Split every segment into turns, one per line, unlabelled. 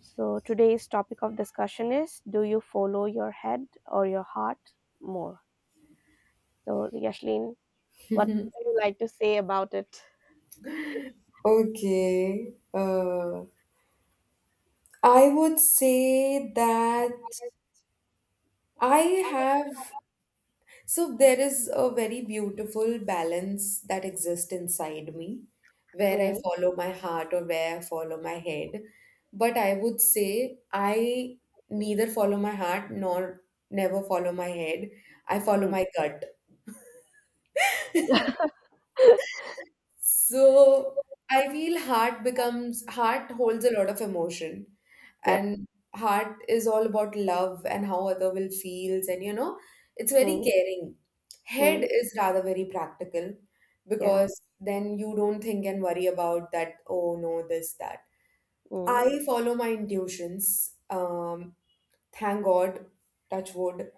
So, today's topic of discussion is, do you follow your head or your heart more? So, Yashlin, what would you like to say about it?
Okay. I would say that I have. So there is a very beautiful balance that exists inside me, where I
Mm,
follow my heart or where I follow my head. But I would say I neither follow my heart nor never follow my head. I follow
mm.
my gut. So I feel heart holds a lot of emotion,
Yep.
and heart is all about love and how other will feels, and it's very
Mm,
caring. Head
mm,
is rather very practical
yeah.
because then you don't think and worry about that, oh no, this, that.
Mm,
I follow my intuitions. Thank God, touch wood.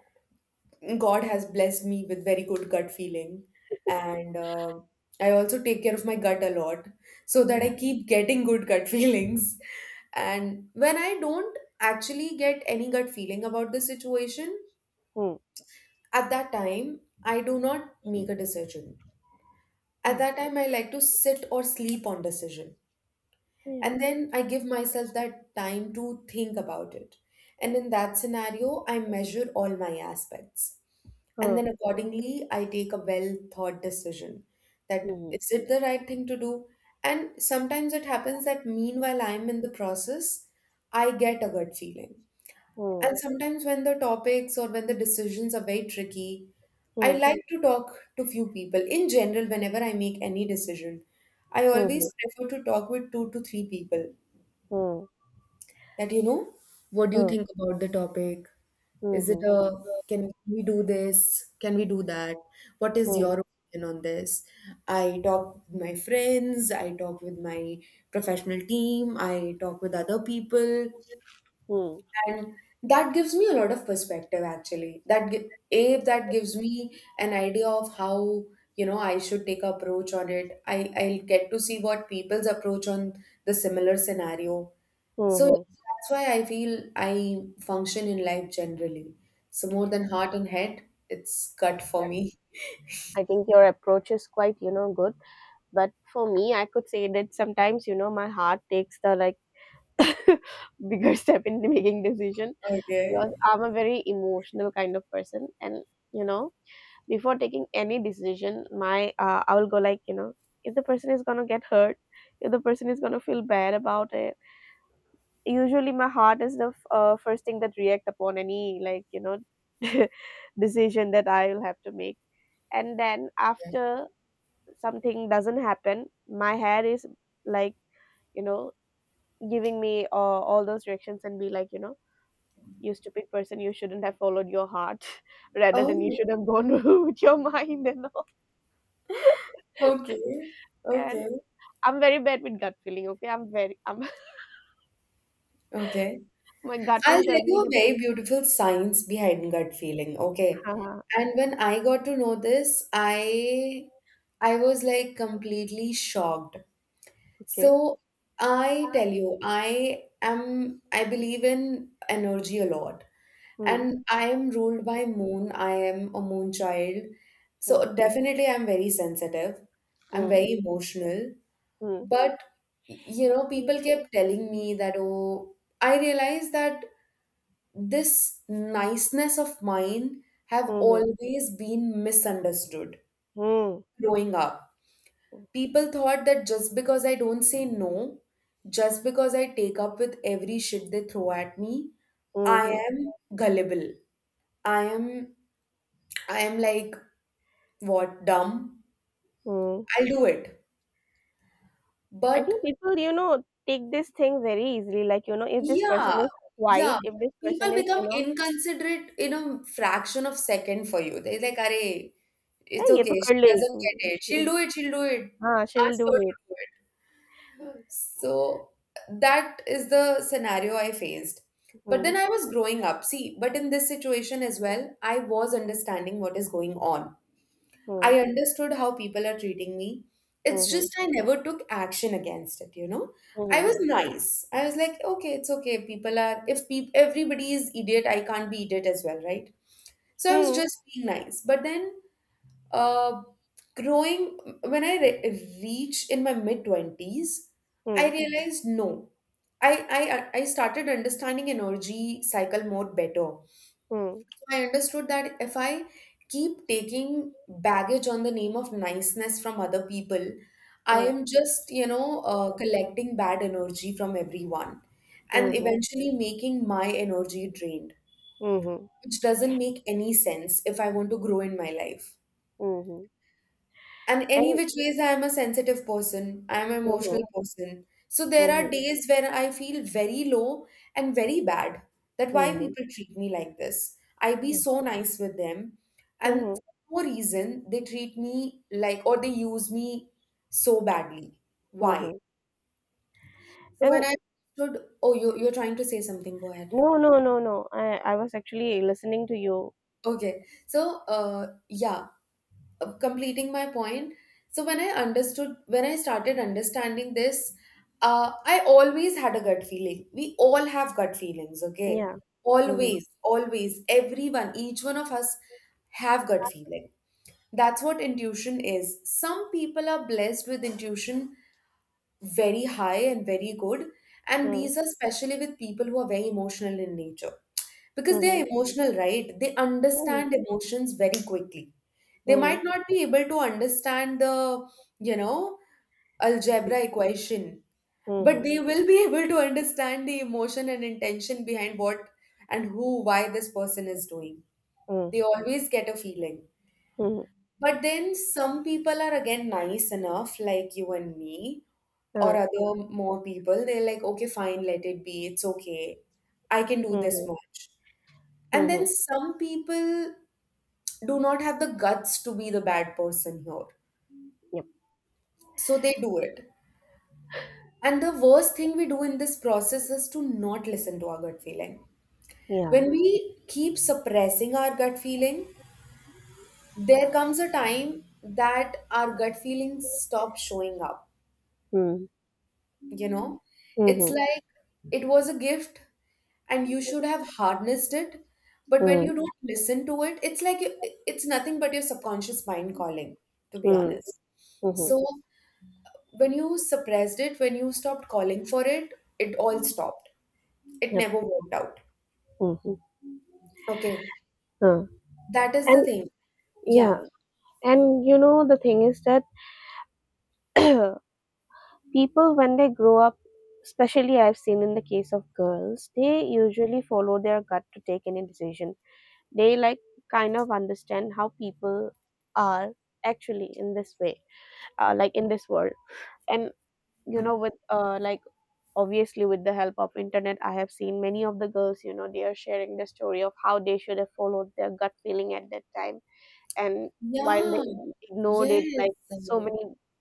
God has blessed me with very good gut feeling, and I also take care of my gut a lot so that I
yeah.
keep getting good gut feelings. And when I don't actually get any gut feeling about the situation,
Mm,
at that time, I do not make a decision.
yeah.
At that time, I like to sit or sleep on decision.
Yeah.
And then I give myself that time to think about it. And in that scenario, I measure all my aspects. And
Mm,
then accordingly, I take a well thought decision, that
mm,
is it the right thing to do? And sometimes it happens that meanwhile I'm in the process, I get a gut feeling. And sometimes when the topics or when the decisions are very tricky, I
mm,
like to talk to few people. In general, whenever I make any decision, I
mm,
always prefer to talk with two to three people,
mm,
that what do
mm,
you
mm,
think about the topic, is it
mm,
a can we do this, can we do that, what is
mm,
your opinion on this. I talk with my friends, I talk with my professional team, I talk with other people, and that gives me a lot of perspective, actually, that gi- a that gives me an idea of how, I should take approach on it. I'll get to see what people's approach on the similar scenario.
mm,
So
mm.
that's why I feel I function in life generally, so more than heart and head, it's gut for me.
I think your approach is quite, good. But for me, I could say that sometimes, my heart takes the like bigger step in making decision
Okay.
because I'm a very emotional kind of person, and you know, before taking any decision, my I will go like, if the person is gonna get hurt, if the person is gonna feel bad about it. Usually, my heart is the first thing that react upon any like decision that I will have to make, and then after something doesn't happen, my hair is like you know, giving me all those directions and be like, you stupid person, you shouldn't have followed your heart rather than you
Oh,
should have gone with your mind and all.
okay.
And
Okay.
I'm very bad with gut feeling. Okay, I'm very. I'm
Okay.
my gut
I'll
will
tell
tell
you
me
a
that you.
very beautiful science behind gut feeling, okay?
Haha,
And when I got to know this, I was like completely shocked.
okay.
So I tell you, I believe in energy a lot.
Hmm.
And I am ruled by moon. I am a moon child.
Hmm.
So definitely I'm very sensitive. I'm
Hmm.
very emotional.
Hmm.
But people kept telling me that, oh, I realized that this niceness of mine have
Hmm.
always been misunderstood
Hmm.
growing up.
Hmm.
People thought that just because I don't say no, just because I take up with every shit they throw at me, I
Hmm.
am gullible. I am I am like, what, dumb.
Hmm.
I'll do it.
I think
But
people, take this thing very easily. Like, if this person
Yeah,
is
yeah.
white, if this person
People
is, you
become
know,
inconsiderate in a fraction of second for you. They're like, "Arey, it's
hey, ye to
okay.
kar
She
le.
doesn't get it. She'll do it. She'll do it.
Ah, she will
Ask
do
her to
it.
do it." So that is the scenario I faced. But then
Mm,
I was growing up. See, but in this situation as well, I was understanding what is going on.
mm,
I understood how people are treating me. It's
mhm,
just I never took action against it. I was
mhm,
nice. I was like, okay, it's okay. People are if peop everybody is idiot, I can't be idiot as well, right? So I was
mhm,
just being nice. But then, uh, growing when I re reach in my mid twenties, I
mm,
realized no. I I started understanding energy cycle more better. I understood that if I keep taking baggage on the name of niceness from other people, I
mm,
am just, collecting bad energy from everyone
mm,
and
mhm,
eventually making my energy drained,
mhm,
which doesn't make any sense if I want to grow in my life.
mhm.
And any
And
which ways, I am a sensitive person. I am an emotional
mhm,
person. So there are
mhm,
days when I feel very low and very bad. That why
mhm,
people treat me like this. I be
hmm,
so nice with them, and
mhm,
for no reason they treat me like or they use me so badly. Why?
mhm.
So
And
when I understood, oh, you're trying to say something. Go ahead.
no, no, no, no. I was actually listening to you.
Okay. So yeah. Completing my point, so when I started understanding this, I always had a gut feeling. We all have gut feelings, okay?
Yeah. Mm-hmm.
Always, always, everyone, each one of us have gut feeling. That's what intuition is. Some people are blessed with intuition very high and very good. And
Mm,
these are especially with people who are very emotional in nature. Because they are
mhm,
emotional, right? They
mm,
understand emotions very quickly. They
mm,
might not be able to understand the, you know, algebra equation, but
mhm,
they will be able to understand the emotion and intention behind what and who, why this person is doing.
mm,
They always get a feeling.
mhm,
But then some people are again nice enough, like you and me, or
uh,
other more people. They're like, okay, fine, let it be. It's okay. I can do this
mhm,
much. And then
mhm.
some people do not have the guts to be the bad person here.
Yep.
So they do it. And the worst thing we do in this process is to not listen to our gut feeling.
Yeah.
When we keep suppressing our gut feeling, there comes a time that our gut feelings stop showing up
Mm,
you know it's
mhm,
like it was a gift, and you should have harnessed it, but when
mm,
you don't listen to it, it's like it's nothing but your subconscious mind calling, to be
mm,
honest.
mhm.
So when you stopped calling for it, it all stopped. It
Yep.
never worked out.
Mm-hmm.
Okay, that is the
And
thing. Yeah.
yeah, and the thing is that people, when they grow up, especially I've seen in the case of girls, they usually follow their gut to take any decision. They like kind of understand how people are actually in this way, like in this world. And with like obviously with the help of internet, I have seen many of the girls, they are sharing the story of how they should have followed their gut feeling at that time, and while
yeah
they ignored it,
yes.
like so many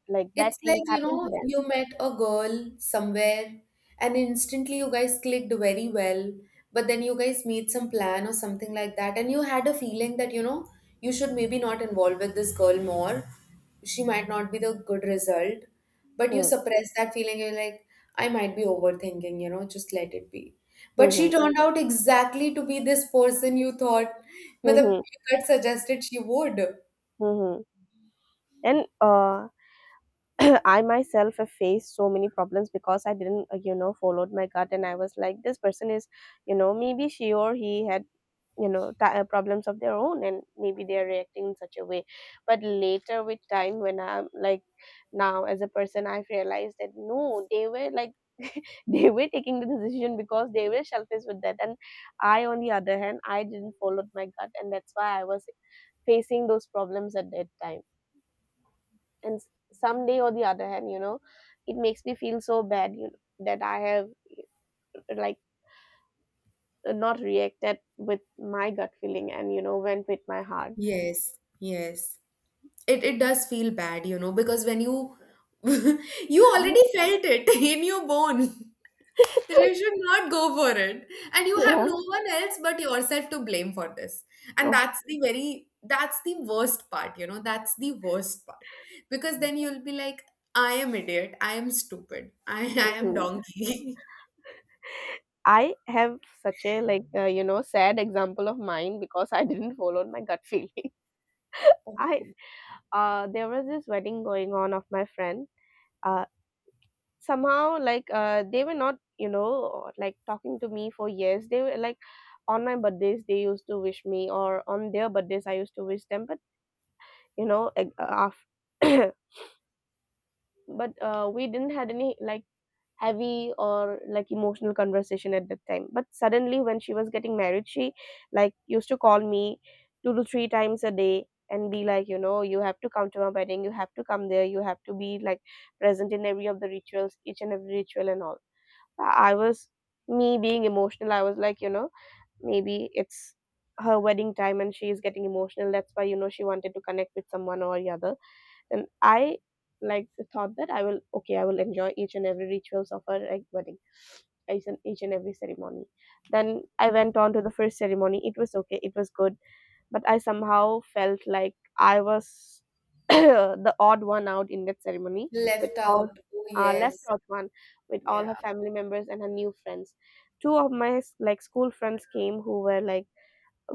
like bad
It's like,
things happened to them.
you met a girl somewhere and instantly you guys clicked very well, but then you guys made some plan or something like that, and you had a feeling that, you should maybe not involve with this girl more. She might not be the good result, but you
Mm,
suppress that feeling. You're like, I might be overthinking, just let it be. But she
mhm,
turned out exactly to be this person you thought, मतलब,
mhm,
you had suggested she would.
mhm. And I myself have faced so many problems because I didn't, followed my gut, and I was like, this person is, maybe she or he had problems of their own, and maybe they are reacting in such a way, but later with time when I'm like now as a person, I've realized that no, they were like they were taking the decision because they were selfish with that, and I, on the other hand, I didn't follow my gut, and that's why I was facing those problems at that time. And someday or the other hand, you know, it makes me feel so bad, you know, that I have like not reacted with my gut feeling and went with my heart.
Yes, yes. It does feel bad, because when you you already felt it in your bone that you should not go for it, and you have
Yeah.
no one else but yourself to blame for this. And
Of
that's the worst part, that's the worst part. Because then you'll be like, I am idiot, I am stupid, I am
mhm.
donkey
I have such a like sad example of mine because I didn't follow my gut feeling. I there was this wedding going on of my friend. Uh Somehow like they were not like talking to me for years. They were like on my birthdays they used to wish me, or on their birthdays I used to wish them. But like, but we didn't had any like heavy or like emotional conversation at that time, but suddenly when she was getting married, she like used to call me two to three times a day and be like you have to come to my wedding, you have to come there, you have to be like present in every of the rituals, each and every ritual and all. I was me being emotional, I was like maybe it's her wedding time and she is getting emotional, that's why she wanted to connect with someone or the other. And I like thought that I will, okay, I will enjoy each and every rituals of her like wedding, each and every ceremony. Then I went on to the first ceremony. It was okay, it was good, but I somehow felt like I was the odd one out in that ceremony with
Left
all
out. Oh,
left
yes.
out one with all
Yeah.
her family members and her new friends. Two of my like school friends came who were like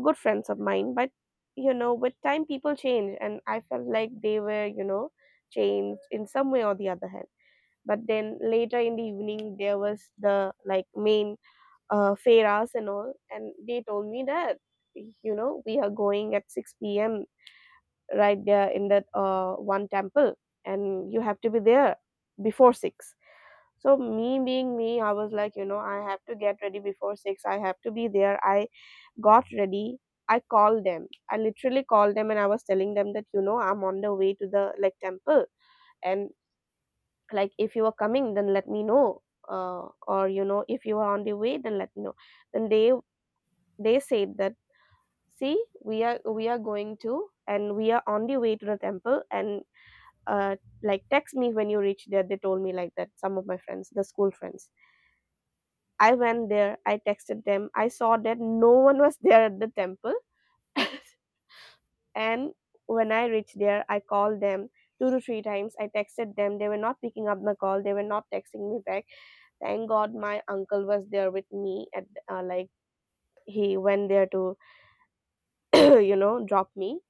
good friends of mine, but with time people change, and I felt like they were changed in some way or the other hand. But then later in the evening there was the like main fairas and all, and they told me that we are going at 6 p.m. right there in that one temple, and you have to be there before 6. So me being me, I was like I have to get ready before 6, I have to be there. I got ready. I called them. I literally called them, and I was telling them that, I'm on the way to the like temple. And like, if you are coming, then let me know. Or, you know, if you are on the way, then let me know. Then they said that, see, we are going to, and we are on the way to the temple. And, uh, like text me when you reach there, they told me like that, some of my friends, the school friends. I went there, I texted them, I saw that no one was there at the temple. And when I reached there, I called them two to three times. I texted them. They were not picking up my call. They were not texting me back. Thank God my uncle was there with me. At like he went there to drop me.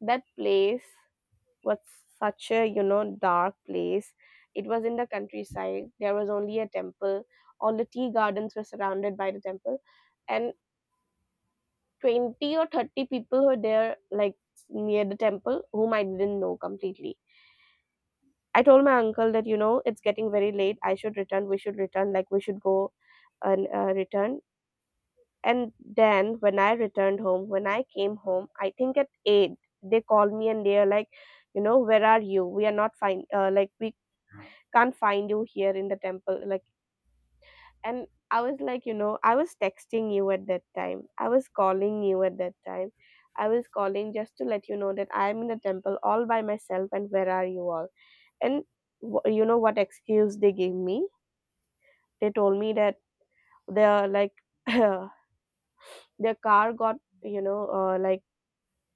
That place was such a dark place. It was in the countryside. There was only a temple. All the tea gardens were surrounded by the temple, and 20 or 30 people were there like near the temple whom I didn't know completely. I told my uncle that, it's getting very late. I should return. We should return. Like, we should go and return. And then when I returned home, when I came home, I think at 8, they called me and they're like, where are you? We are not find, like, we can't find you here in the temple. Like, and I was like, I was texting you at that time. I was calling you at that time. I was calling just to let you know that I'm in the temple all by myself, and where are you all? And you know what excuse they gave me? They told me that their like their car got like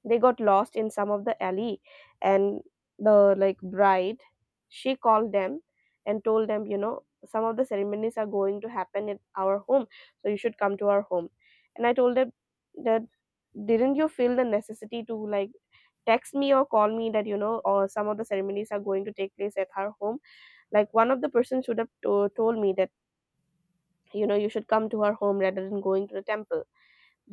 they got lost in some of the alley, and the like bride, she called them and told them some of the ceremonies are going to happen at our home, so you should come to our home. And I told them that, didn't you feel the necessity to like text me or call me that or some of the ceremonies are going to take place at her home? Like, one of the person should have told me that you should come to her home rather than going to the temple.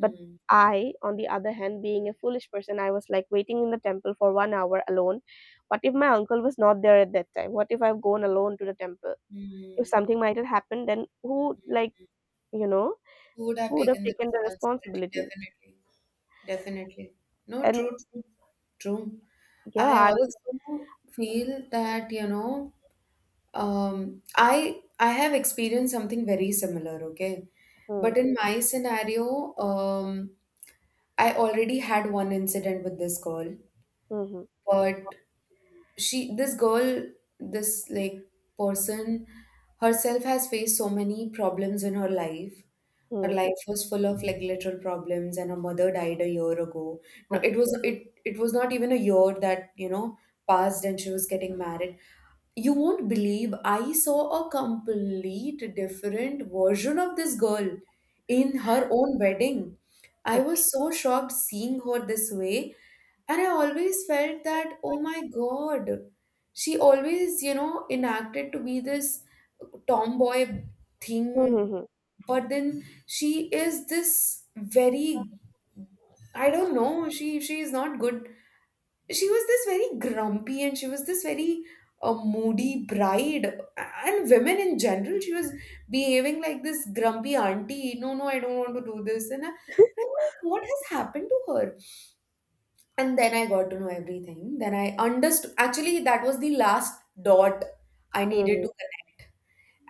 But I, on the other hand, being a foolish person, I was like waiting in the temple for 1 hour alone. What if my uncle was not there at that time? What if I've gone alone to the temple? If
Hmm.
something might have happened, then who, like, you know,
Who would have
who would have
taken the
taken the
responsibility?
responsibility?
Definitely. Definitely. No,
And
true, true. True.
yeah,
I
I was.
also feel that, I have experienced something very similar, okay?
Hmm,
But in my scenario, I already had one incident with this girl,
hmm,
but she this girl this like person herself has faced so many problems in her life. Her
hmm.
life was full of like literal problems, and her mother died a year ago. No, it
Okay.
was it was not even a year that passed, and she was getting married. You won't believe I saw a complete different version of this girl in her own wedding. I was
Okay.
so shocked seeing her this way. And I always felt that, oh my God, she always, enacted to be this tomboy thing,
Hmm.
but then she is this very, I don't know, she is not good. She was this very grumpy, and she was this very moody bride. And women in general, she was behaving like this grumpy auntie. No, no, I don't want to do this. And I'm like, what has happened to her? And then I got to know everything. Then I understood, actually, that was the last dot I needed to
Hmm.
connect.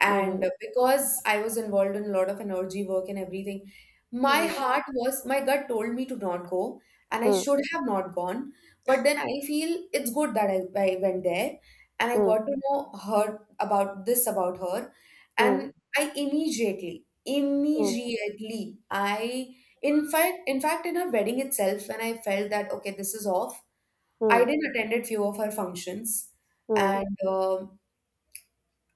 And
Hmm.
because I was involved in a lot of energy work and everything,
Hmm.
my gut told me to not go, and I
Hmm.
should have not gone. But then I feel it's good that I went there and I got to know her about this about her. And
Hmm.
I immediately,
Mm-hmm.
immediately, in fact, in her wedding itself, when I felt that, okay, this is off, I
Mm-hmm.
didn't attended few of her functions. And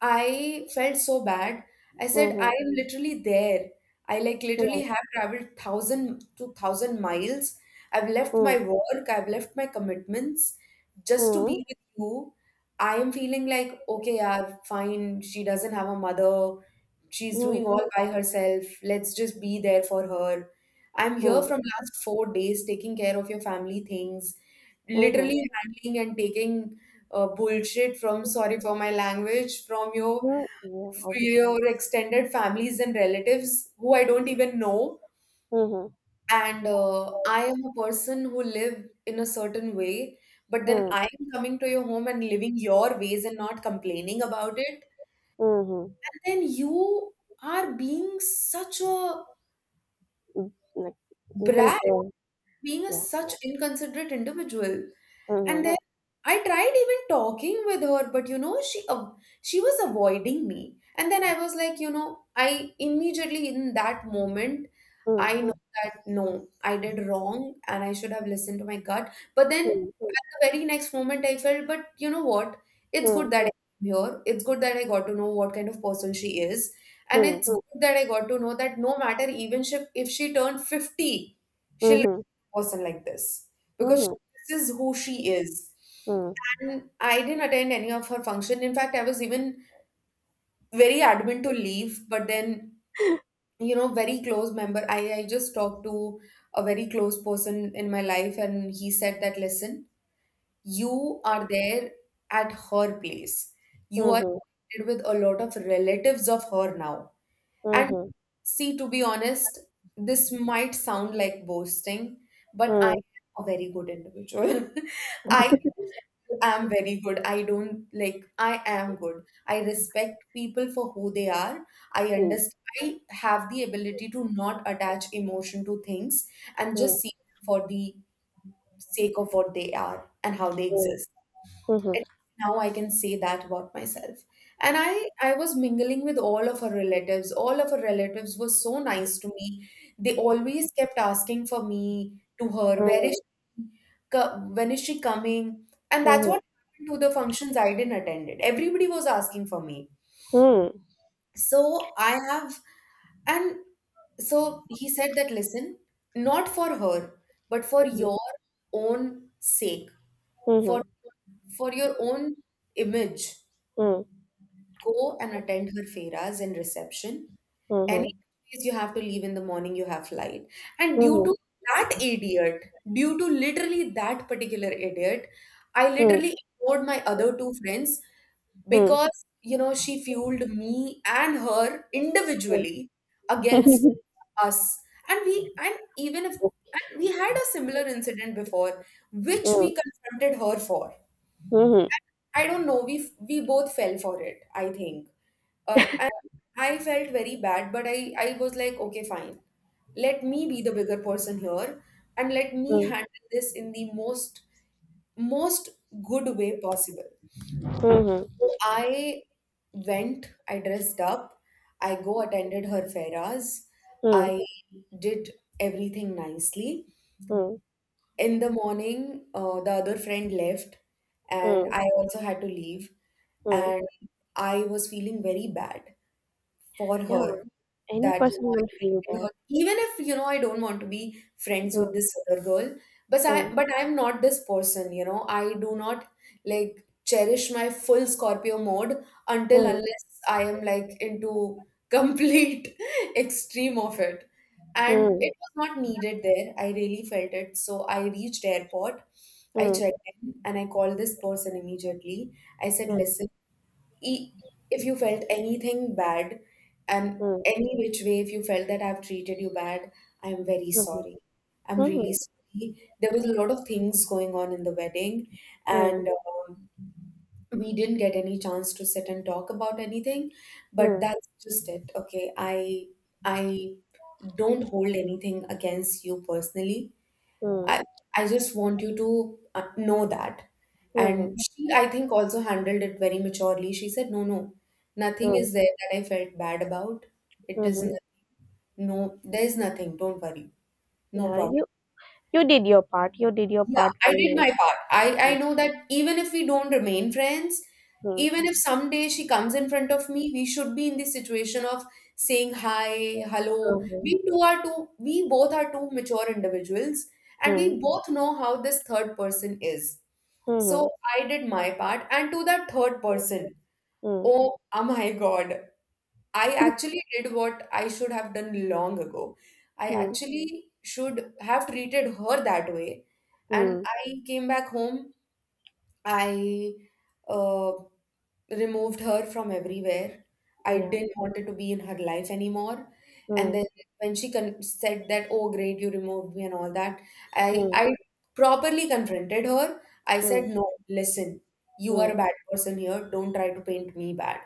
I felt so bad. I said, I
Mm-hmm.
am literally there. I like literally
Mm-hmm.
have traveled thousand to thousand miles. I've
Mm-hmm.
left
Mm-hmm.
my
Hmm.
work, I've left my commitments just to
Hmm.
be with you. I am feeling like, okay, yeah, fine. She doesn't have a mother.
Hmm.
She's
Hmm, hmm,
doing
hmm,
all by herself. Let's just be there for her. I'm here
hmm,
from last 4 days taking care of your family things,
hmm,
literally
hmm.
handling and taking bullshit from, sorry for my language, from
Mm, yeah, obviously.
your extended families and relatives who I don't even know.
Mhm.
And I am a person who live in a certain way, but then
Mm,
I am coming to your home and living your ways and not complaining about it.
mhm.
And then you are being such a
Mm, like, you can
brat,
say,
being a
yeah.
such inconsiderate individual. And
Mhm.
then I tried even talking with her, but you know, she was avoiding me. And then I was like, you know, I immediately in that moment, I
Mm,
know that no, I did wrong and I should have listened to my gut. But then at
mm,
the very next moment, I felt, but you know what? It's good
mm,
that I'm here. It's good that I got to know what kind of person she is. And
mm,
it's good that I got to know that no matter even if she turned 50, she'll be
mhm,
a person like this. Because
mhm,
this is who she is.
mm,
And I didn't attend any of her function. In fact, I was even very adamant to leave, but then, you know, very close member. I just talked to a very close person in my life, and he said that, listen, you are there at her place. You are
mhm,
connected with a lot of relatives of her now. And
mhm,
see, to be honest, this might sound like boasting, but I am
mm,
a very good individual. I I'm very good. I don't like, I am good. I respect people for who they are. I
mm,
understand. I have the ability to not attach emotion to things and just
mm,
see them for the sake of what they are and how they
mm,
exist.
mhm,
At least now I can say that about myself. And I was mingling with all of her relatives. All of her relatives were so nice to me. They always kept asking for me to her, where is when is she coming? And that's what happened to the functions I didn't attended. Everybody was asking for me.
mhm,
So I have, and so he said that, listen, not for her, but for
mhm,
your own sake, for for your own image,
mm, mhm,
go and attend her feras and reception. Any
mhm,
place you have to leave in the morning, you have flight. And due
mm,
to that idiot, due to literally that particular idiot, I
mhm, mhm, mm,
literally ignored my other two friends
mm,
because you know she fueled me and her individually
mm.
against us and we and even if and we had a similar incident before which
Mm,
we confronted her for.
mhm,
I don't know. We both fell for it, I think. And I felt very bad, but I was like, okay, fine. Let me be the bigger person here, and let me
mm,
handle this in the most most good way possible.
mhm,
So I went. I dressed up. I go attended her feras.
mm,
I did everything nicely.
mm,
In the morning, the other friend left, and
mm,
I also had to leave,
mm.
and I was feeling very bad for
Yeah,
her,
any
that you
person
know I
will feel
created
that.
her. Even if you know I don't want to be friends
Mm,
with this other girl, but
mm.
I'm not this person. You know I do not like cherish my full Scorpio mode until
Mm,
unless I am like into complete extreme of it. And it
mm,
was not needed there. I really felt it. So I reached airport. I
mm,
checked in and I called this person immediately. I said,
mm,
listen, e- if you felt anything bad, and
mm,
any which way if you felt that I've treated you bad, I'm very
mhm,
sorry, I'm really
mhm,
sorry, there was a lot of things going on in the wedding,
mm,
and we didn't get any chance to sit and talk about anything, but
mm,
that's just it. Okay, i don't hold anything against you personally.
mm,
I I just want you to know that.
mhm,
And she, I think, also handled it very maturely. She said, "No, no, nothing
mm,
is there that I felt bad about. It is
mhm.
nothing. No, there is nothing. Don't worry. No
Yeah,
problem."
you did your part. You did your
Yeah,
part
I
very
did
nicely.
my part. I,
Mm,
I know that even if we don't remain friends, even if someday she comes in front of me, we should be in the situation of saying hi, hello.
mhm,
We both are two mature individuals, and
mm,
we both know how this third person is. So
mhm,
I did my part, and to that third person,
mm,
oh, oh my God. I actually did what I should have done long ago. I
mm,
actually should have treated her that way. And
mm,
I came back home. I uh, removed her from everywhere. I
yeah,
didn't want her to be in her life anymore. And then
mm,
when said that, "Oh, great, you removed me," and all that, I
mm,
I properly confronted her. I
mm,
said, "No, listen, you are
mm,
a bad person here. Don't try to paint me bad.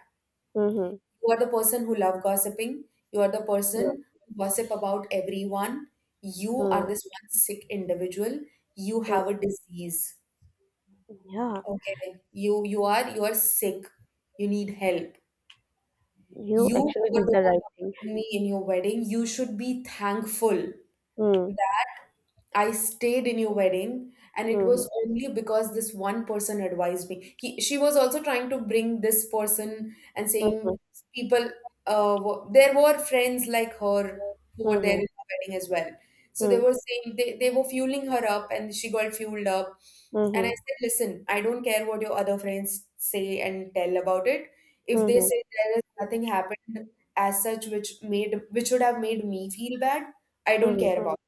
mhm,
You are the person who love gossiping. You are the
mm,
person who gossip about everyone. You are
mm,
this one sick individual. You have
mm.
a disease.
Yeah,
Okay. You are sick. You need help.
you
You
actually
were
did
the
the
one
right thing.
updating me in your wedding. You should be thankful
Mm,
I stayed in your wedding, and it
mhm,
was only because this one person advised me. He, she was also trying to bring this person and
mhm,
saying people, there were friends like her who were there in
mhm,
the wedding as well. So they
mm,
were saying they were fueling her up, and she got fueled up. And I
mhm,
said, listen, I don't care what your other friends say and tell about it. If they
mhm,
say there is nothing happened as such which made which would have made me feel bad, I don't
mhm.
care Mm. about.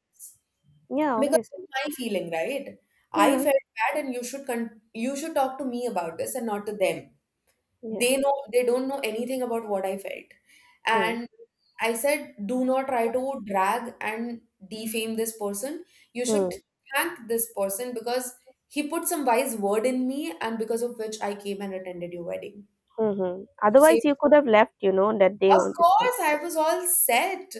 Yeah,
Because
obviously.
it's my feeling, right? I
Yeah,
felt bad, and you should talk to me about this and not to them. They
yeah.
know they don't know anything about what I felt,
Mm.
and I said, do not try to drag and defame this person. You should
Mm,
thank this person because he put some wise word in me, and because of which I came and attended your wedding.
mhm. Otherwise, you could have left, that day
Of
on itself.
course, I was all set.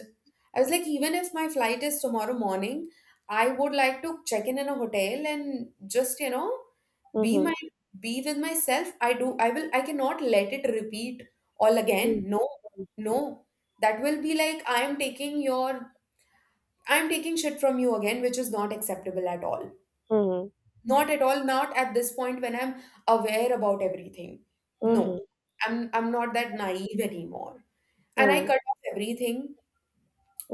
I was like, even if my flight is tomorrow morning, I would like to check in a hotel and just, you know, be my
Mhm,
be with myself. I do, I will, I cannot let it repeat all
mhm,
again. No, no. That will be like I am taking your, I am taking shit from you again, which is not acceptable at all.
mhm,
Not at all, not at this point when I'm aware about everything. No,
mhm,
I'm not that naive anymore. And I
mm,
cut off everything.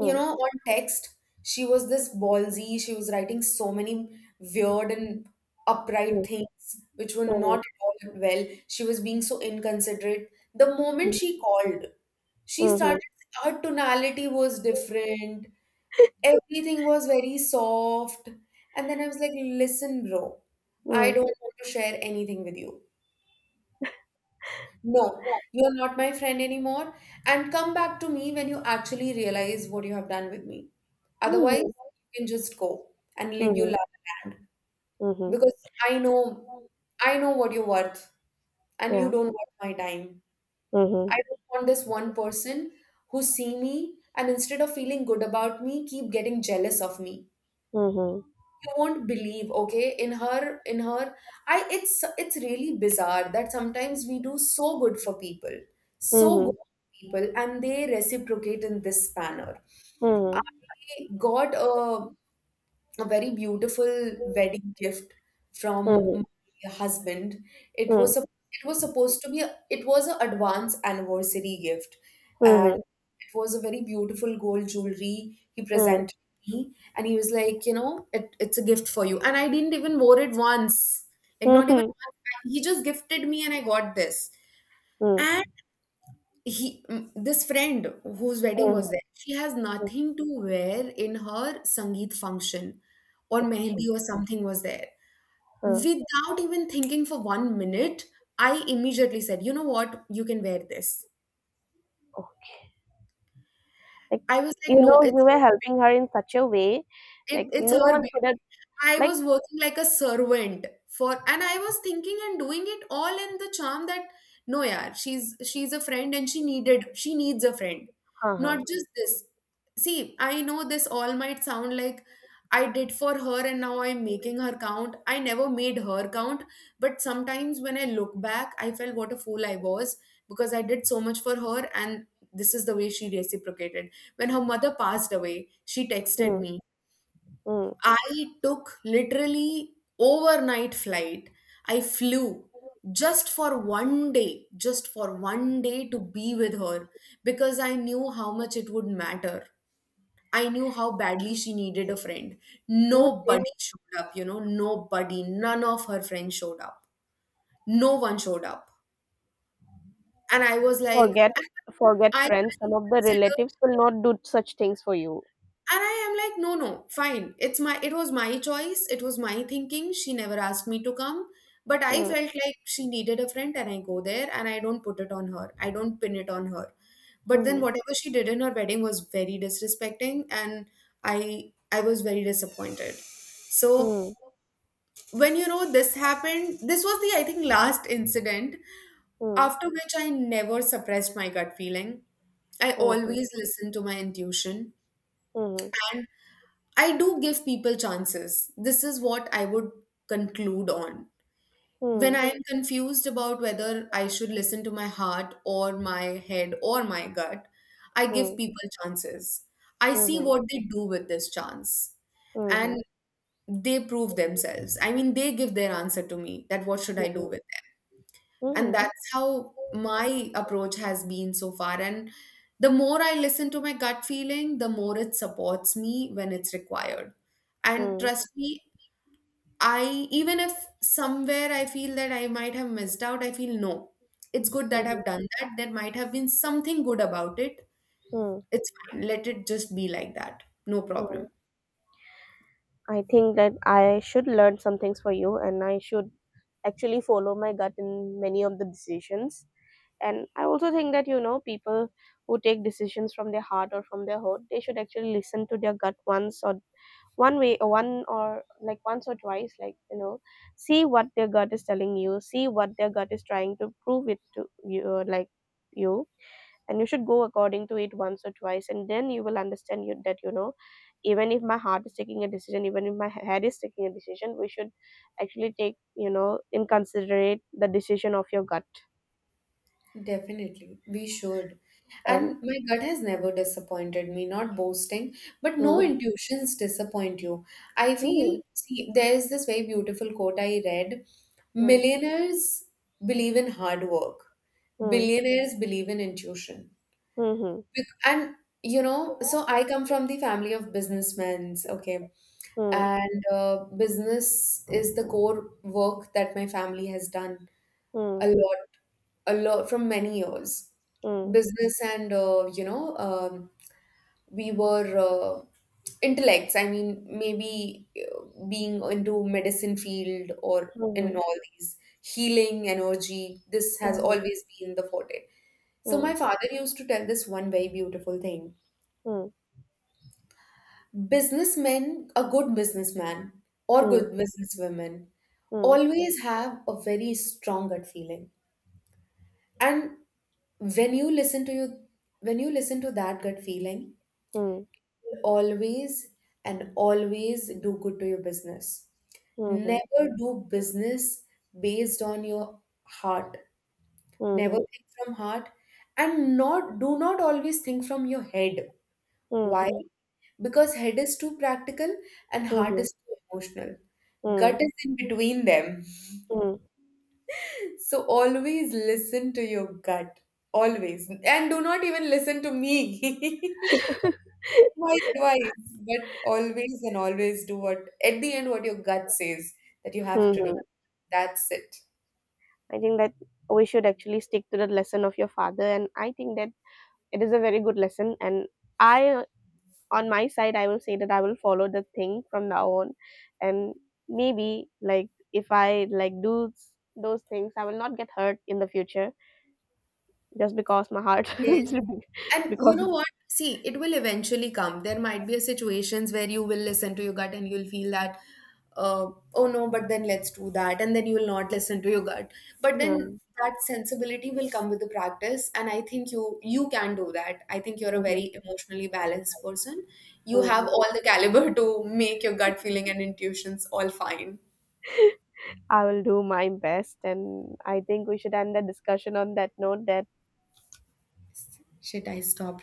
You know, on text, she was this ballsy, she was writing so many weird and upright
mm,
things which were not
mhm,
at all well. She was being so inconsiderate. The moment she called, she started
mm,
her tonality was different, everything was very soft. And then I was like, listen, bro,
mhm,
I
mm,
don't want to share anything with you. No, you're not my friend anymore. And come back to me when you actually realize what you have done with me. Otherwise, you
mhm,
can just go and live your
mhm,
life land.
mhm.
Because I know what you're worth, and you
Yeah.
don't worth my time.
Mhm,
I don't want this one person who see me and instead of feeling good about me, keep getting jealous of me.
mhm,
You won't believe, okay, in her I it's really bizarre that sometimes we do so good for people,
mhm,
and they reciprocate in this manner.
mhm,
I got a very beautiful wedding gift from
mhm,
my husband. It
mm,
was a, it was supposed to be a, it was an advance anniversary gift, and
mhm,
it was a very beautiful gold jewelry he
mm,
presented me, and he was like, you know, it's a gift for you. And I didn't even wore it once, like not even
mhm,
once. He just gifted me, and I got this. And
mm,
he, mm, this friend whose wedding
mhm,
was there, she has
mm.
nothing to wear in her sangeet function, or
Okay.
mehendi or something was there.
Huh.
Without even thinking for one minute, I immediately said, you know what, you can wear this.
Okay. Like,
I was like,
you
no,
know, you
it's
were helping her in such a way, like
It's
no
her
one
baby.
could have,
I
like,
was working like a servant for, and I was thinking and doing it all in the charm that no, yeah, she's a friend and she needs a friend, not
uh-huh.
just this. See, I know this all might sound like I did for her and now I'm making her count. I never made her count, but sometimes when I look back, I felt what a fool I was because I did so much for her and this is the way she reciprocated. When her mother passed away, she texted
Mm,
me.
hmm.
I took literally overnight flight. I flew just for one day, just for one day to be with her because I knew how much it would matter. I knew how badly she needed a friend.
You did
Nobody showed up, nobody, none of her friends showed up. No one showed up. And I was like,
forget, forget
I
friends. Some of the
consider.
relatives will not do such things for you.
And I am like, no, no, fine, it was my choice, it was my thinking. She never asked me to come, but I
Hmm.
felt like she needed a friend, and I go there, and I don't put it on her, I don't pin it on her. But then
Mhm.
whatever she did in her wedding was very disrespecting, and i I was very disappointed. So
Hmm.
when this happened, this was the, I think, last incident,
Hmm.
after which I never suppressed my gut feeling. I always
Mhm.
listened to my intuition.
Mhm.
And. I do give people chances. This is what I would conclude on. When
Hmm.
I am confused about whether I should listen to my heart or my head or my gut, I give
Hmm.
people chances. I see
Mhm.
what they do with this chance. And
Mhm.
they prove themselves. I mean, they give their answer to me that what should I do
Mhm.
with it? And
Mhm.
that's how my approach has been so far. And the more I listen to my gut feeling, the more it supports me when it's required. And
Mm.
trust me, I even if somewhere I feel that I might have missed out, I feel no, it's good that
Mhm.
I've done that, there might have been something good about it.
Mm.
It's fine, let it just be like that, no
Mm.
problem.
I think that I should learn some things for you, and I should actually follow my gut in many of the decisions. And I also think that people who take decisions from their heart or from their heart, they should actually listen to their gut once or one way one or like once or twice, like see what their gut is telling you, see what their gut is trying to prove it to you, like you, and you should go according to it once or twice, and then you will understand you that even if my heart is taking a decision, even if my head is taking a decision, we should actually take in considerate the decision of your gut.
Definitely, we should.
And
And my gut has never disappointed me, not boasting, but no
mm,
intuitions disappoint you. I feel,
mm,
see, there's this very beautiful quote I read.
mm,
Millionaires believe in hard work,
mm,
billionaires believe in intuition.
mm,
And, so I come from the family of businessmen, okay?
mm,
And business is the core work that my family has done
mm,
a
mm,
lot, a lot from many years.
mm,
Business and we were intellects. I mean, maybe being into medicine field or in
mm,
all these healing energy. This has
mm,
always been the forte. So my
mm,
father used to tell this one very beautiful thing.
mm,
Businessmen, a good businessman or
mm,
good businesswomen
mm,
always have a very strong gut feeling. And when you listen to you when you listen to that gut feeling,
mhm,
always, and always do good to your business.
mhm,
Never do business based on your heart. Never
mhm,
think from heart, and not do not always think from your head. Why?
mhm,
Because head is too practical, and heart
mhm,
is too emotional. Gut
hmm.
is in between them.
Hmm.
So always listen to your gut, always, and do not even listen to me my advice, but always and always do what, at the end, what your gut says that you have to do.
Mhm.
That's it.
I think that we should actually stick to the lesson of your father, and I think that it is a very good lesson. And I, on my side, I will say that I will follow the thing from now on, and maybe like if I like do those things, I will not get hurt in the future just because my heart,
Yes. And you
because
know what? See, it will eventually come. There might be a situations where you will listen to your gut and you'll feel that, uh, oh no, but then let's do that. And then you will not listen to your gut. But then
yeah.
that sensibility will come with the practice. And I think you can do that. I think you're a
Mhm,
very emotionally balanced person. You have
mhm.
all the caliber to make your gut feeling and intuitions all fine.
I will do my best, and I think we should end the discussion on that note. That
Should I stop